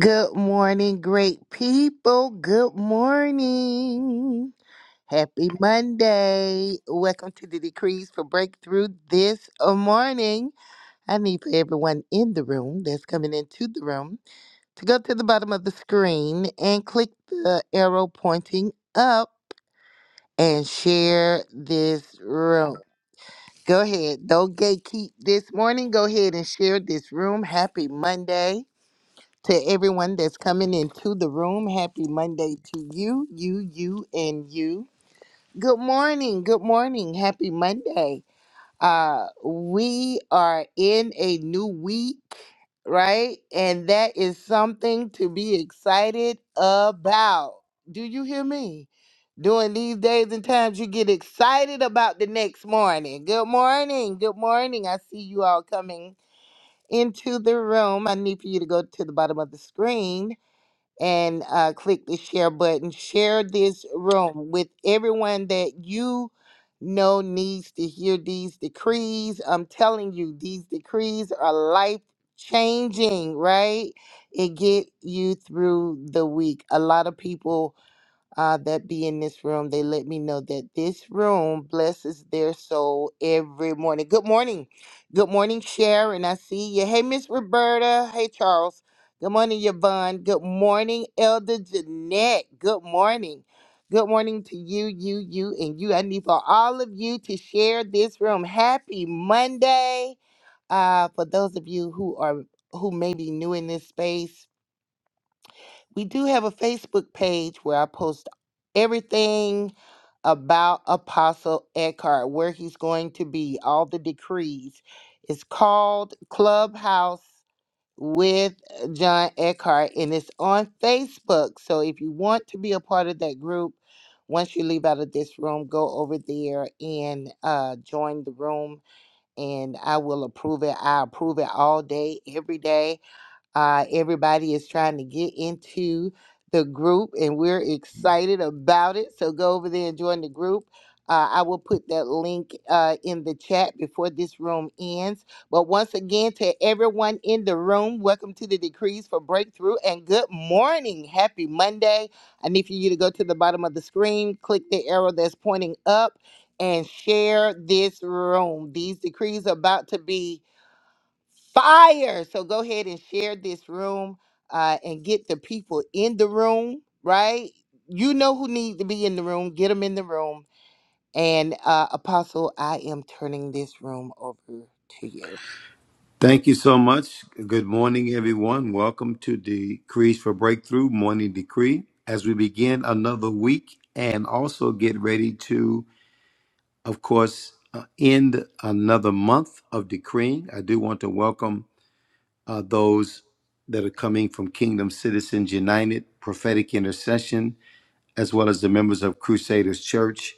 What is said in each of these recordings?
Good morning, great people. Good morning. Happy Monday. Welcome to the Decrees for Breakthrough this uh, morning. I need for everyone in the room that's coming into the room to go to the bottom of the screen and click the arrow pointing up and share this room. Go ahead. Don't gatekeep this morning. Go ahead and share this room. Happy Monday. To everyone that's coming into the room, happy Monday to you, you, you, and you. Good morning. Good morning. Happy Monday. Uh, we are in a new week, right? And that is something to be excited about. Do you hear me? During these days and times, you get excited about the next morning. Good morning. Good morning. I see you all coming into the room. I need for you to go to the bottom of the screen and uh, click the share button. Share this room with everyone that you know needs to hear these decrees. I'm telling you, these decrees are life changing, right? It get you through the week. A lot of people uh, that be in this room. They let me know that this room blesses their soul every morning. Good morning. Good morning, Sharon. I see you. Hey, Miss Roberta. Hey, Charles. Good morning, Yvonne. Good morning, Elder Jeanette. Good morning. Good morning to you, you, you, and you. I need for all of you to share this room. Happy Monday. Uh, for those of you who are who may be new in this space, we do have a Facebook page where I post everything about Apostle Eckhart, where he's going to be, all the decrees. It's called Clubhouse with John Eckhart, and it's on Facebook. So if you want to be a part of that group, once you leave out of this room, go over there and uh, join the room, and I will approve it. I approve it all day, every day uh, everybody is trying to get into the group, and we're excited about it. So go over there and join the group. Uh, I will put that link uh, in the chat before this room ends. But once again, to everyone in the room, welcome to the Decrees for Breakthrough and good morning. Happy Monday. I need for you to go to the bottom of the screen, click the arrow that's pointing up, and share this room. These decrees are about to be fire. So go ahead and share this room uh, and get the people in the room, right? You know who need to be in the room. Get them in the room. And uh, Apostle, I am turning this room over to you. Thank you so much. Good morning, everyone. Welcome to Decrees for Breakthrough Morning Decree as we begin another week and also get ready to, of course, uh, end another month of decreeing. I do want to welcome uh, those that are coming from Kingdom Citizens United, Prophetic Intercession, as well as the members of Crusaders Church,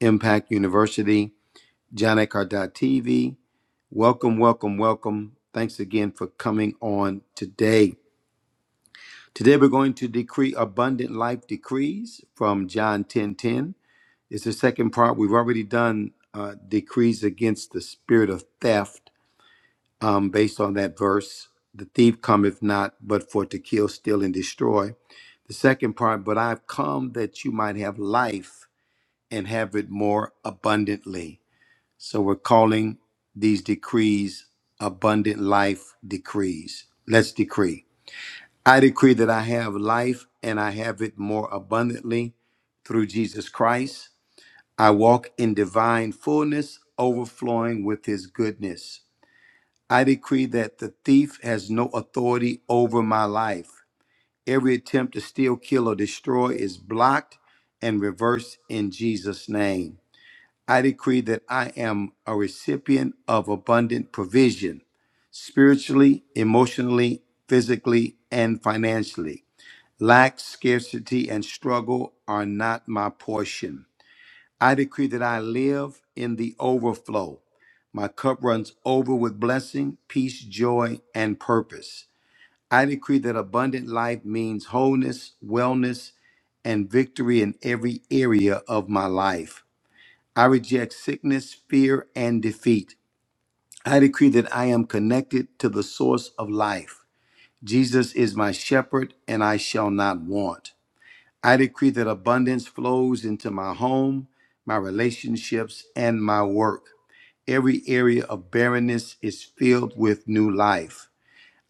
Impact University, John TV. Welcome, welcome, welcome. Thanks again for coming on today. Today we're going to decree abundant life decrees from John 10 10. It's the second part. We've already done uh, decrees against the spirit of theft um, based on that verse. The thief cometh not but for to kill, steal, and destroy. The second part, but I've come that you might have life and have it more abundantly. So we're calling these decrees abundant life decrees. Let's decree. I decree that I have life and I have it more abundantly through Jesus Christ. I walk in divine fullness, overflowing with his goodness. I decree that the thief has no authority over my life. Every attempt to steal, kill, or destroy is blocked and reversed in Jesus' name. I decree that I am a recipient of abundant provision, spiritually, emotionally, physically, and financially. Lack, scarcity, and struggle are not my portion. I decree that I live in the overflow. My cup runs over with blessing, peace, joy, and purpose. I decree that abundant life means wholeness, wellness, and victory in every area of my life. I reject sickness, fear, and defeat. I decree that I am connected to the source of life. Jesus is my shepherd, and I shall not want. I decree that abundance flows into my home, my relationships, and my work. Every area of barrenness is filled with new life.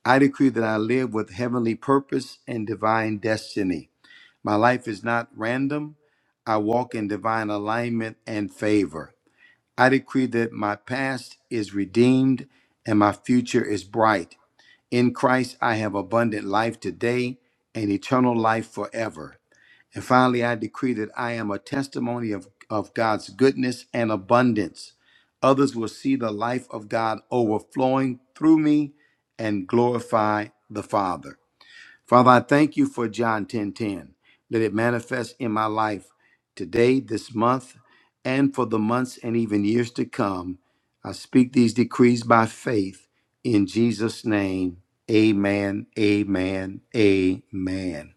I decree that I live with heavenly purpose and divine destiny. My life is not random. I walk in divine alignment and favor. I decree that my past is redeemed and my future is bright. In Christ, I have abundant life today and eternal life forever. And finally, I decree that I am a testimony of, of God's goodness and abundance. Others will see the life of God overflowing through me and glorify the Father. Father, I thank you for John 10:10. Let it manifest in my life today, this month, and for the months and even years to come. I speak these decrees by faith in Jesus' name. Amen, amen, amen.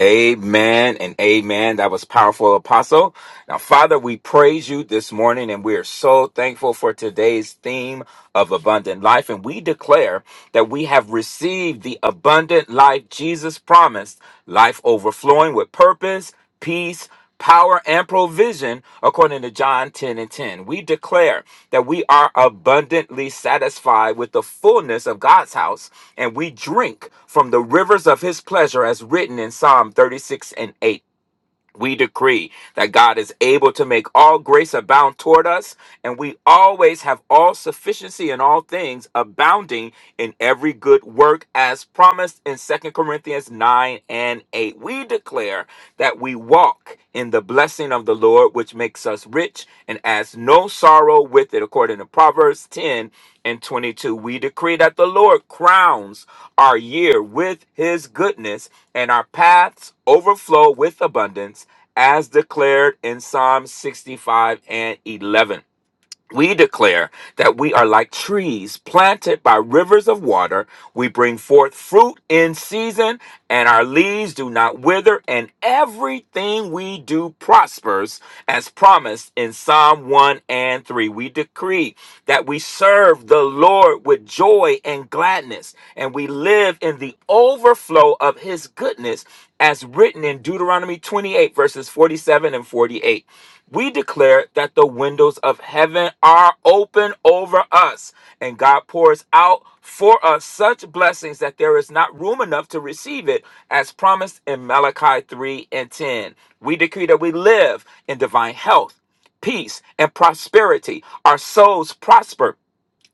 Amen and amen. That was powerful, Apostle. Now, Father, we praise you this morning and we are so thankful for today's theme of abundant life. And we declare that we have received the abundant life Jesus promised, life overflowing with purpose, peace, power, and provision, according to John 10 and 10. We declare that we are abundantly satisfied with the fullness of God's house, and we drink from the rivers of his pleasure, as written in Psalm 36 and 8 we decree that God is able to make all grace abound toward us, and we always have all sufficiency in all things, abounding in every good work as promised in Second Corinthians 9 and 8. We declare that we walk in the blessing of the Lord, which which makes us rich and adds no sorrow with it. According to Proverbs 10 and 22, we decree that the Lord crowns our year with his goodness and our paths overflow with abundance, as declared in Psalm 65 and 11. We declare that we are like trees planted by rivers of water. We bring forth fruit in season, and our leaves do not wither, and everything we do prospers, as promised in Psalm 1 and 3. We decree that we serve the Lord with joy and gladness, and we live in the overflow of his goodness, as written in Deuteronomy 28, verses 47 and 48 we declare that the windows of heaven are open over us, and God pours out for us such blessings that there is not room enough to receive it, as promised in Malachi 3 and 10. We decree that we live in divine health. Peace and prosperity. Our souls prosper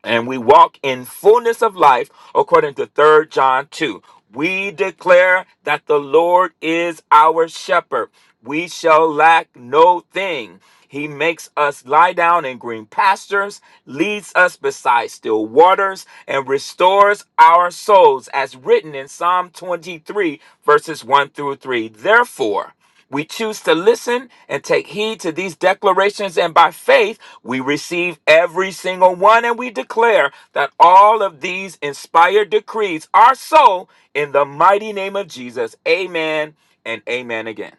and we walk in fullness of life according to Third John 2. We declare that the Lord is our shepherd. We shall lack no thing. He makes us lie down in green pastures, leads us beside still waters, and restores our souls, as written in Psalm 23, verses 1 through 3. Therefore, we choose to listen and take heed to these declarations, and by faith, we receive every single one, and we declare that all of these inspired decrees are so in the mighty name of Jesus. Amen and amen again.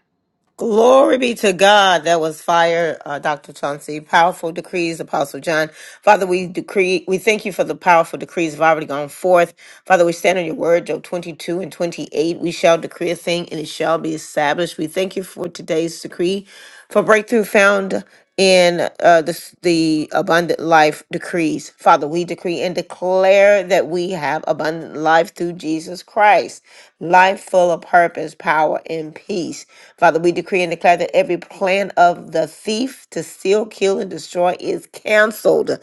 Glory be to God. That was fire, uh, Dr. Chauncey. Powerful decrees, Apostle John. Father, we decree, we thank you for the powerful decrees that have already gone forth. Father, we stand on your word, Job 22 and 28. We shall decree a thing and it shall be established. We thank you for today's decree for breakthrough found in uh, the, the abundant life decrees. Father, we decree and declare that we have abundant life through Jesus Christ, life full of purpose, power, and peace. Father, we decree and declare that every plan of the thief to steal, kill, and destroy is canceled,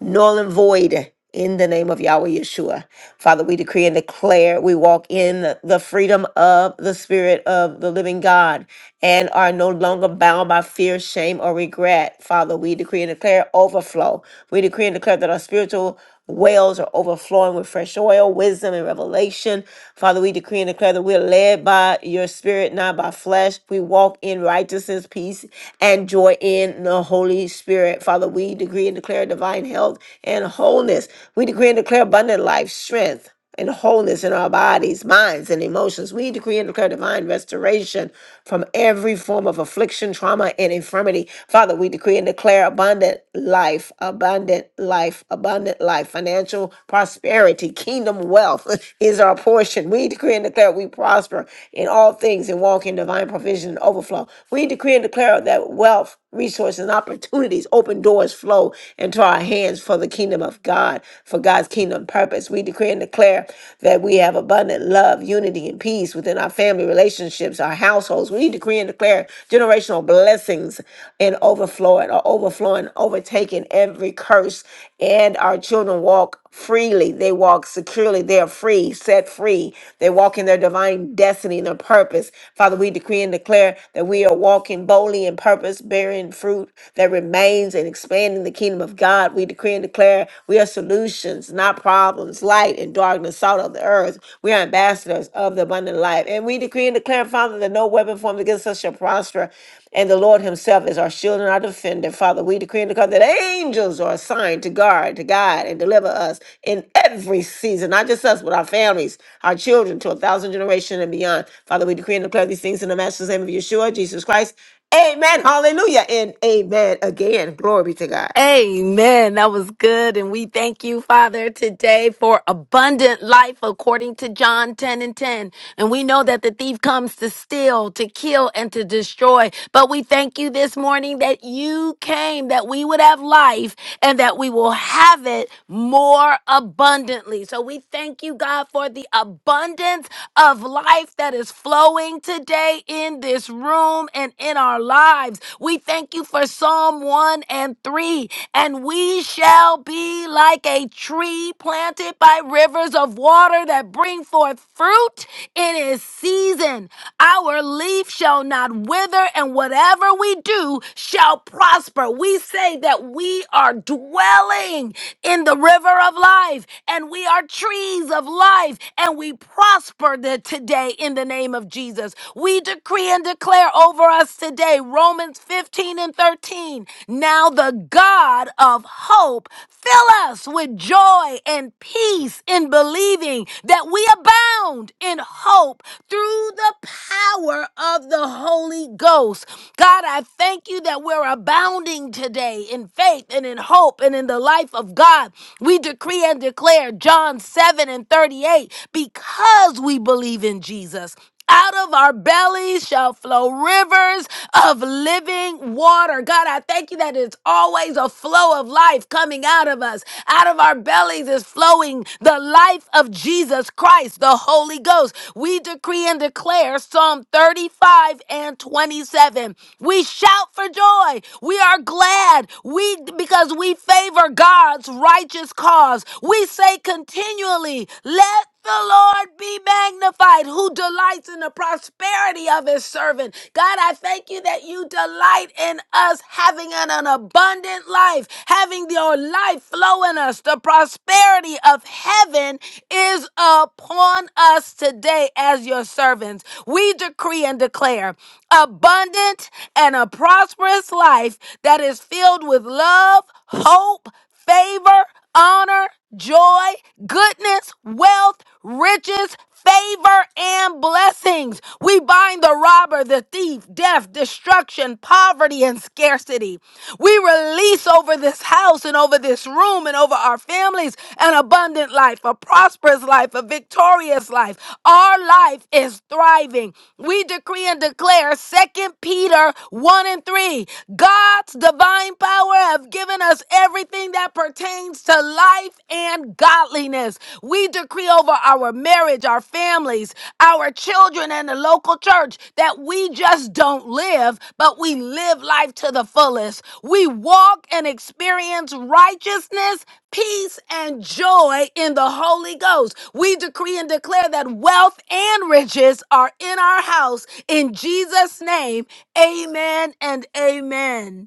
null and void. In the name of Yahweh Yeshua. Father, we decree and declare we walk in the the freedom of the Spirit of the living God and are no longer bound by fear, shame, or regret. Father, we decree and declare overflow. We decree and declare that our spiritual wells are overflowing with fresh oil, wisdom, and revelation. Father, we decree and declare that we're led by your spirit, not by flesh. We walk in righteousness, peace, and joy in the Holy Spirit. Father, we decree and declare divine health and and wholeness. We decree and declare abundant life, strength, and wholeness in our bodies, minds, and emotions. We decree and declare divine restoration from every form of affliction, trauma, and infirmity. Father, we decree and declare abundant life, abundant life, abundant life. Financial prosperity, kingdom wealth is our portion. We decree and declare we prosper in all things and walk in divine provision and overflow. We decree and declare that wealth resources and opportunities, open doors flow into our hands for the kingdom of God, for God's kingdom purpose. We decree and declare that we have abundant love, unity, and peace within our family relationships, our households. We decree and declare generational blessings and overflowing or overflowing, overtaking every curse, and our children walk freely. They walk securely. They are free, set free. They walk in their divine destiny and their purpose. Father, we decree and declare that we are walking boldly in purpose, bearing fruit that remains and expanding the kingdom of God. We decree and declare we are solutions, not problems, light and darkness, salt of the earth. We are ambassadors of the abundant life. And we decree and declare, Father that no weapon formed against us shall prosper, and the Lord Himself is our shield and our defender. Father, we decree and declare that angels are assigned to guard, to guide, and deliver us in every season, not just us, but our families, our children, to a thousand generations and beyond. Father, we decree and declare these things in the Master's name of Yeshua, Jesus Christ. Amen. Hallelujah. And amen again. Glory be to God. Amen. That was good. And we thank you, Father, today for abundant life according to John 10 and 10. And we know that the thief comes to steal, to kill, and to destroy. But we thank you this morning that you came, that we would have life and that we will have it more abundantly. So we thank you, God, for the abundance of life that is flowing today in this room and in our lives. We thank you for Psalm 1 and 3. And we shall be like a tree planted by rivers of water that bring forth fruit in its season. Our leaf shall not wither, and whatever we do shall prosper. We say that we are dwelling in the river of life, and we are trees of life, and we prosper the- today in the name of Jesus. We declare decree and declare over us today Romans 15 and 13. Now the God of hope fill us with joy and peace in believing that we abound in hope through the power of the Holy Ghost. God, I thank you that we're abounding today in faith and in hope and in the life of God. We decree and declare John 7 and 38 because we believe in Jesus out of our bellies shall flow rivers of living water. God, I thank you that it's always a flow of life coming out of us. Out of our bellies is flowing the life of Jesus Christ, the Holy Ghost. We decree and declare Psalm 35 and 27. We shout for joy. We are glad. We because we favor God's righteous cause. We say continually, let the Lord be magnified, who delights in the prosperity of his servant. God, I thank you that you delight in us having an, an abundant life, having your life flow in us. The prosperity of heaven is upon us today as your servants. We decree and declare abundant and a prosperous life that is filled with love, hope, favor, honor, joy, goodness, wealth, riches, favor, and blessings. We bind the robber, the thief, death, destruction, poverty, and scarcity. We release over this house and over this room and over our families an abundant life, a prosperous life, a victorious life. Our life is thriving. We decree and declare Second Peter 1 and 3. God's divine power have given us everything that pertains to life and godliness. We decree over our marriage, our families, our children, and the local church that we just don't live, but we live life to the fullest. We walk and experience righteousness, peace, and joy in the Holy Ghost. We decree and declare that wealth and riches are in our house. In Jesus' name, amen and amen.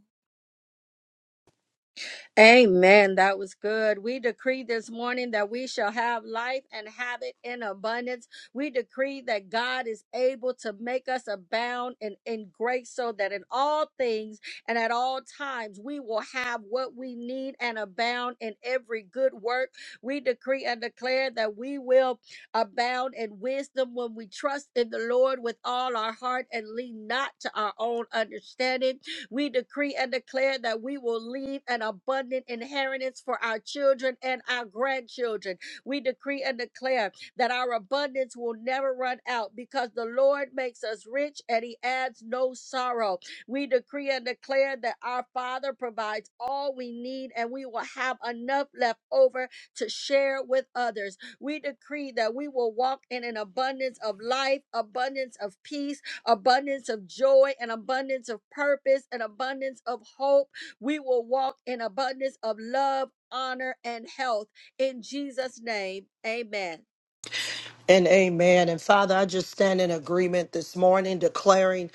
Amen. That was good. We decree this morning that we shall have life and have it in abundance. We decree that God is able to make us abound in, in grace so that in all things and at all times we will have what we need and abound in every good work. We decree and declare that we will abound in wisdom when we trust in the Lord with all our heart and lean not to our own understanding we decree and declare that we will leave an abundant inheritance for our children and our grandchildren. We decree and declare that our abundance will never run out because the Lord makes us rich and he adds no sorrow. We decree and declare that our Father provides all we need and we will have enough left over to share with others. We decree that we will walk in an abundance of life, abundance of peace abundance of joy, an abundance of purpose, an abundance of hope. We will walk in abundance of love, honor, and health. In Jesus' name, amen. And amen. And Father, I just stand in agreement this morning, declaring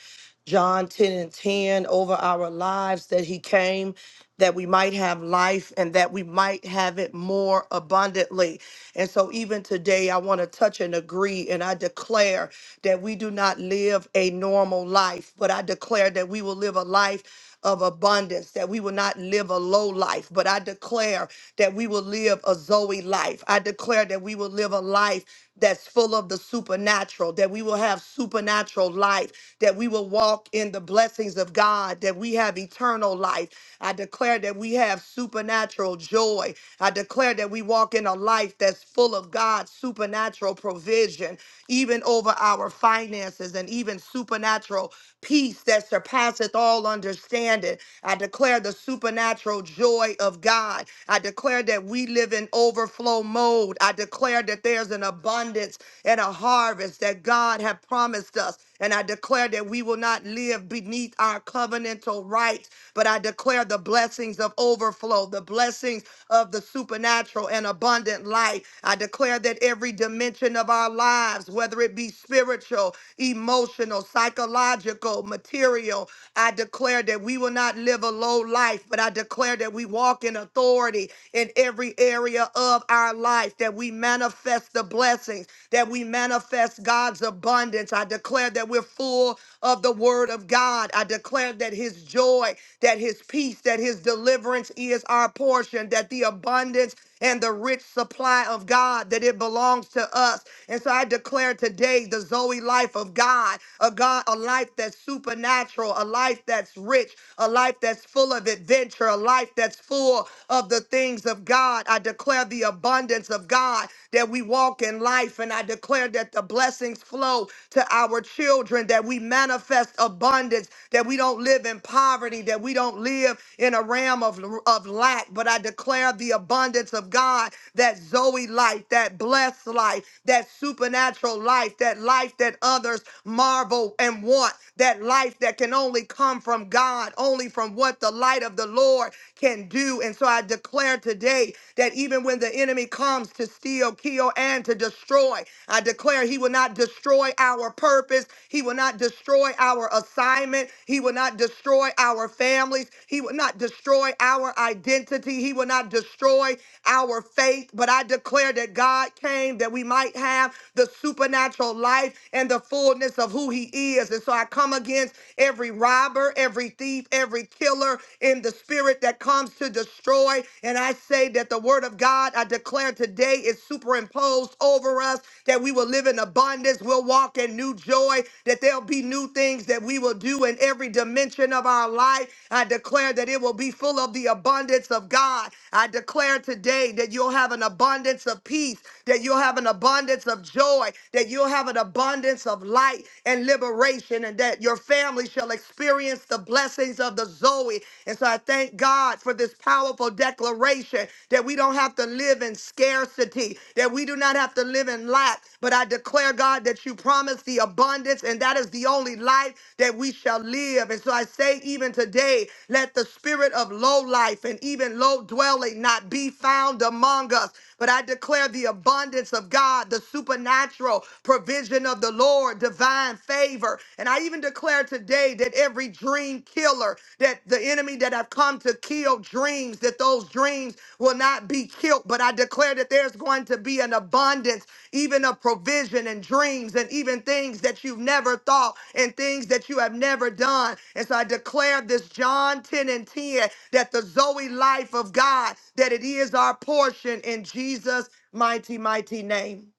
John 10 and 10 over our lives that he came that we might have life and that we might have it more abundantly. And so, even today, I want to touch and agree, and I declare that we do not live a normal life, but I declare that we will live a life of abundance, that we will not live a low life, but I declare that we will live a Zoe life. I declare that we will live a life that's full of the supernatural, that we will have supernatural life, that we will walk in the blessings of God, that we have eternal life. I declare that we have supernatural joy. I declare that we walk in a life that's full of God's supernatural provision, even over our finances and even supernatural peace that surpasseth passeth all understanding. I declare the supernatural joy of God. I declare that we live in overflow mode. I declare that there's an abundance and a harvest that God have promised us. And I declare that we will not live beneath our covenantal rights, but I declare the blessings of overflow, the blessings of the supernatural and abundant life. I declare that every dimension of our lives, whether it be spiritual, emotional, psychological, material. I declare that we will not live a low life, but I declare that we walk in authority in every area of our life, that we manifest the blessings, that we manifest God's abundance. I declare that we're full of the word of God. I declare that his joy, that his peace, that his deliverance is our portion, that the abundance and the rich supply of God that it belongs to us. And so I declare today the Zoe life of God, a God, a life that's supernatural, a life that's rich, a life that's full of adventure, a life that's full of the things of God. I declare the abundance of God that we walk in life, and I declare that the blessings flow to our children, that we manifest abundance, that we don't live in poverty, that we that we don't live in a realm of, of lack, but I declare the abundance of God, that Zoe life, that blessed life, that supernatural life, that life that others marvel and want, that life that can only come from God, only from what the light of the Lord can do. And so I declare today that even when the enemy comes to steal, kill, and to destroy, I declare he will not destroy our purpose purpose. He will not destroy our assignment. He will not destroy our families. He will not destroy our identity. He will not destroy our faith. But I declare that God came that we might have the supernatural life and the fullness of who He is. And so I come against every robber, every thief, every killer in the spirit that comes to destroy. And I say that the word of God, I declare today way is superimposed over us, that we will live in abundance, we'll walk in new joy, that there'll be new things that we will do in every dimension of our life. I declare that it will be full of the abundance of God. I declare today that you'll have an abundance of peace, that you'll have an abundance of joy, that you'll have an abundance of light and liberation, and that your family shall experience the blessings of the Zoe. And so I thank God. God for this powerful declaration that we don't have to live in scarcity, that we do not have to live in lack. But I declare, God, that you promise the abundance, and that is the only life that we shall live. And so I say, even today, let the spirit of low life and even low dwelling not be found among us. But I declare the abundance of God, the supernatural provision of the Lord, divine favor. And I even even declare today that every dream killer, that the enemy that have come to kill dreams, that those dreams will not be killed. But I declare that there's going to be an abundance, even of provision and dreams, and even things that you've never thought and things that you have never done. And so I declare this John 10 and 10 that the Zoe life of God, that it is our portion in Jesus' mighty, mighty name.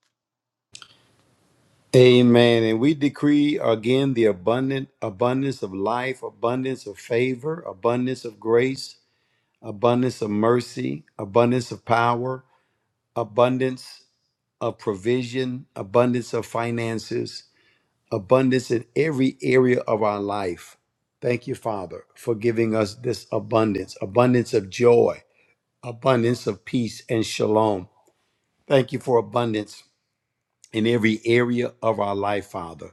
Amen. And we decree again the abundant abundance of life, abundance of favor, abundance of grace, abundance of mercy, abundance of power abundance of provision, abundance of finances, abundance in every area of our life. Thank you, Father, for giving us this abundance, abundance of joy, abundance of peace and shalom. Thank you for abundance in every area of our life, Father.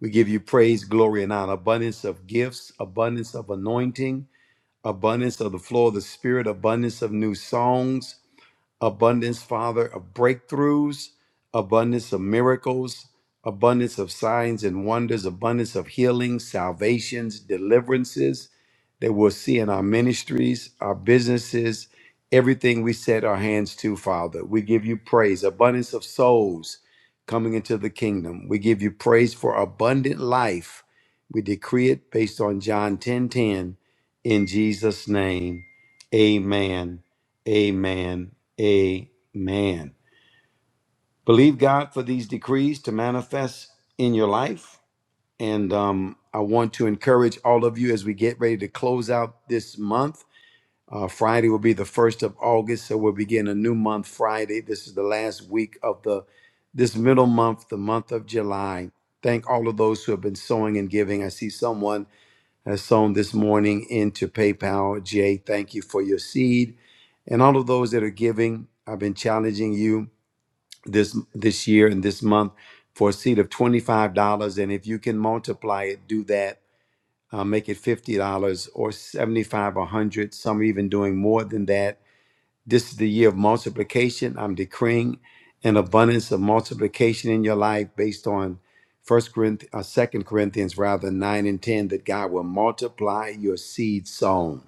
We give you praise, glory, and honor. Abundance of gifts, abundance of anointing, abundance of the flow of the Spirit, abundance of new songs, abundance, Father, of breakthroughs, abundance of miracles, abundance of signs and wonders, abundance of healings, salvations, deliverances that we'll see in our ministries, our businesses, everything we set our hands to, Father. We give you praise, abundance of souls coming into the kingdom. We give you praise for abundant life. We decree it based on John 10 10, in Jesus' name. Amen Amen. Amen. Believe God for these decrees to manifest in your life. And um, I want to encourage all of you as we get ready to close out this month. Uh, Friday will be the first of August, so we'll begin a new month Friday. This is the last week of the this middle month, the month of July. Thank all of those who have been sowing and giving. I see someone has sown this morning into PayPal. Jay, thank you for your seed. And all of those that are giving, I've been challenging you this this year and this month for a seed of $25. And if you can multiply it, do that. Uh, make it $50 or 75 or 100 Some are even doing more than that this is the year of multiplication. I'm decreeing an abundance of multiplication in your life based on First Corinthians, uh, Second Corinthians, rather nine and ten, that God will multiply your seed sown.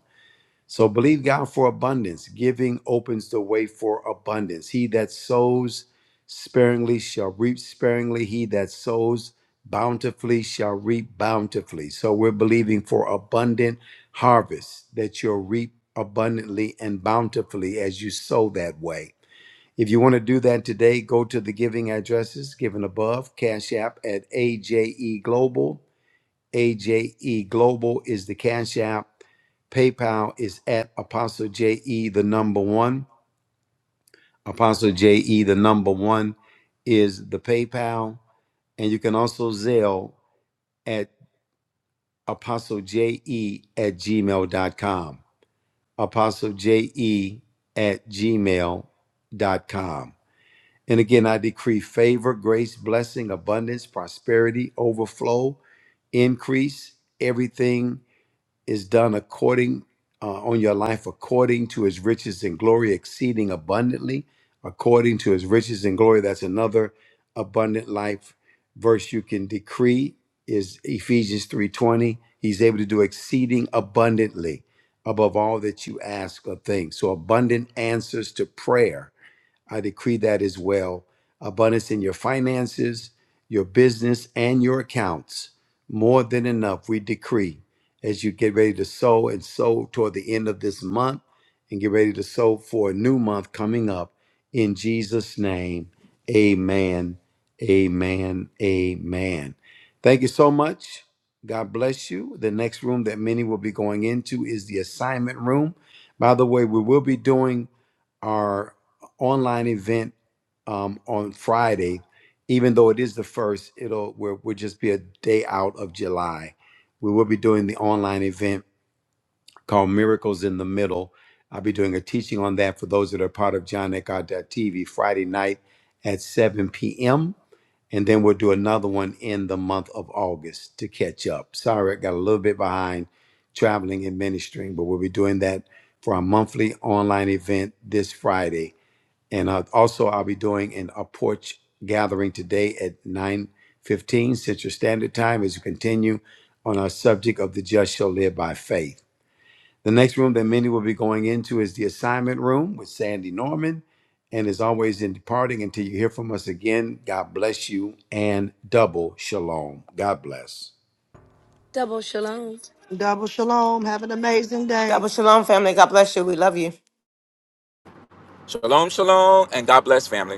So believe God for abundance. Giving opens the way for abundance. He that sows sparingly shall reap sparingly. He that sows bountifully shall reap bountifully. So we're believing for abundant harvest that you'll reap abundantly and bountifully as you sow that way. If you want to do that today, go to the giving addresses given above, Cash App at AJE Global. AJE. Global is the Cash App. PayPal is at Apostle JE, the number one. Apostle JE, the number one is the PayPal. And you can also Zelle at Apostle JE at gmail.com. Apostle JE at gmail.com. And again, I decree favor, grace, blessing, abundance, prosperity, overflow, increase, everything is done according uh, on your life according to his riches and glory exceeding abundantly according to his riches and glory that's another abundant life verse you can decree is ephesians 3.20 he's able to do exceeding abundantly above all that you ask or think so abundant answers to prayer I decree that as well. Abundance in your finances, your business, and your accounts. More than enough, we decree as you get ready to sow and sow toward the end of this month and get ready to sow for a new month coming up. In Jesus' name, amen, amen, amen. Thank you so much. God bless you. The next room that many will be going into is the assignment room. By the way, we will be doing online event um, on Friday, even though it is the first, it'll we're, we'll just be a day out of July. We will be doing the online event called Miracles in the Middle. I'll be doing a teaching on that for those that are part of John TV Friday night at 7 p.m. And then we'll do another one in the month of August to catch up. Sorry, I got a little bit behind traveling and ministering, but we'll be doing that for our monthly online event this Friday and uh, also, I'll be doing an a porch gathering today at 9:15 Central Standard Time as we continue on our subject of the just shall live by faith. The next room that many will be going into is the assignment room with Sandy Norman. And as always, in departing, until you hear from us again, God bless you and double shalom. God bless. Double shalom. Double shalom. Have an amazing day. Double shalom, family. God bless you. We love you. Shalom, shalom, and God bless, family.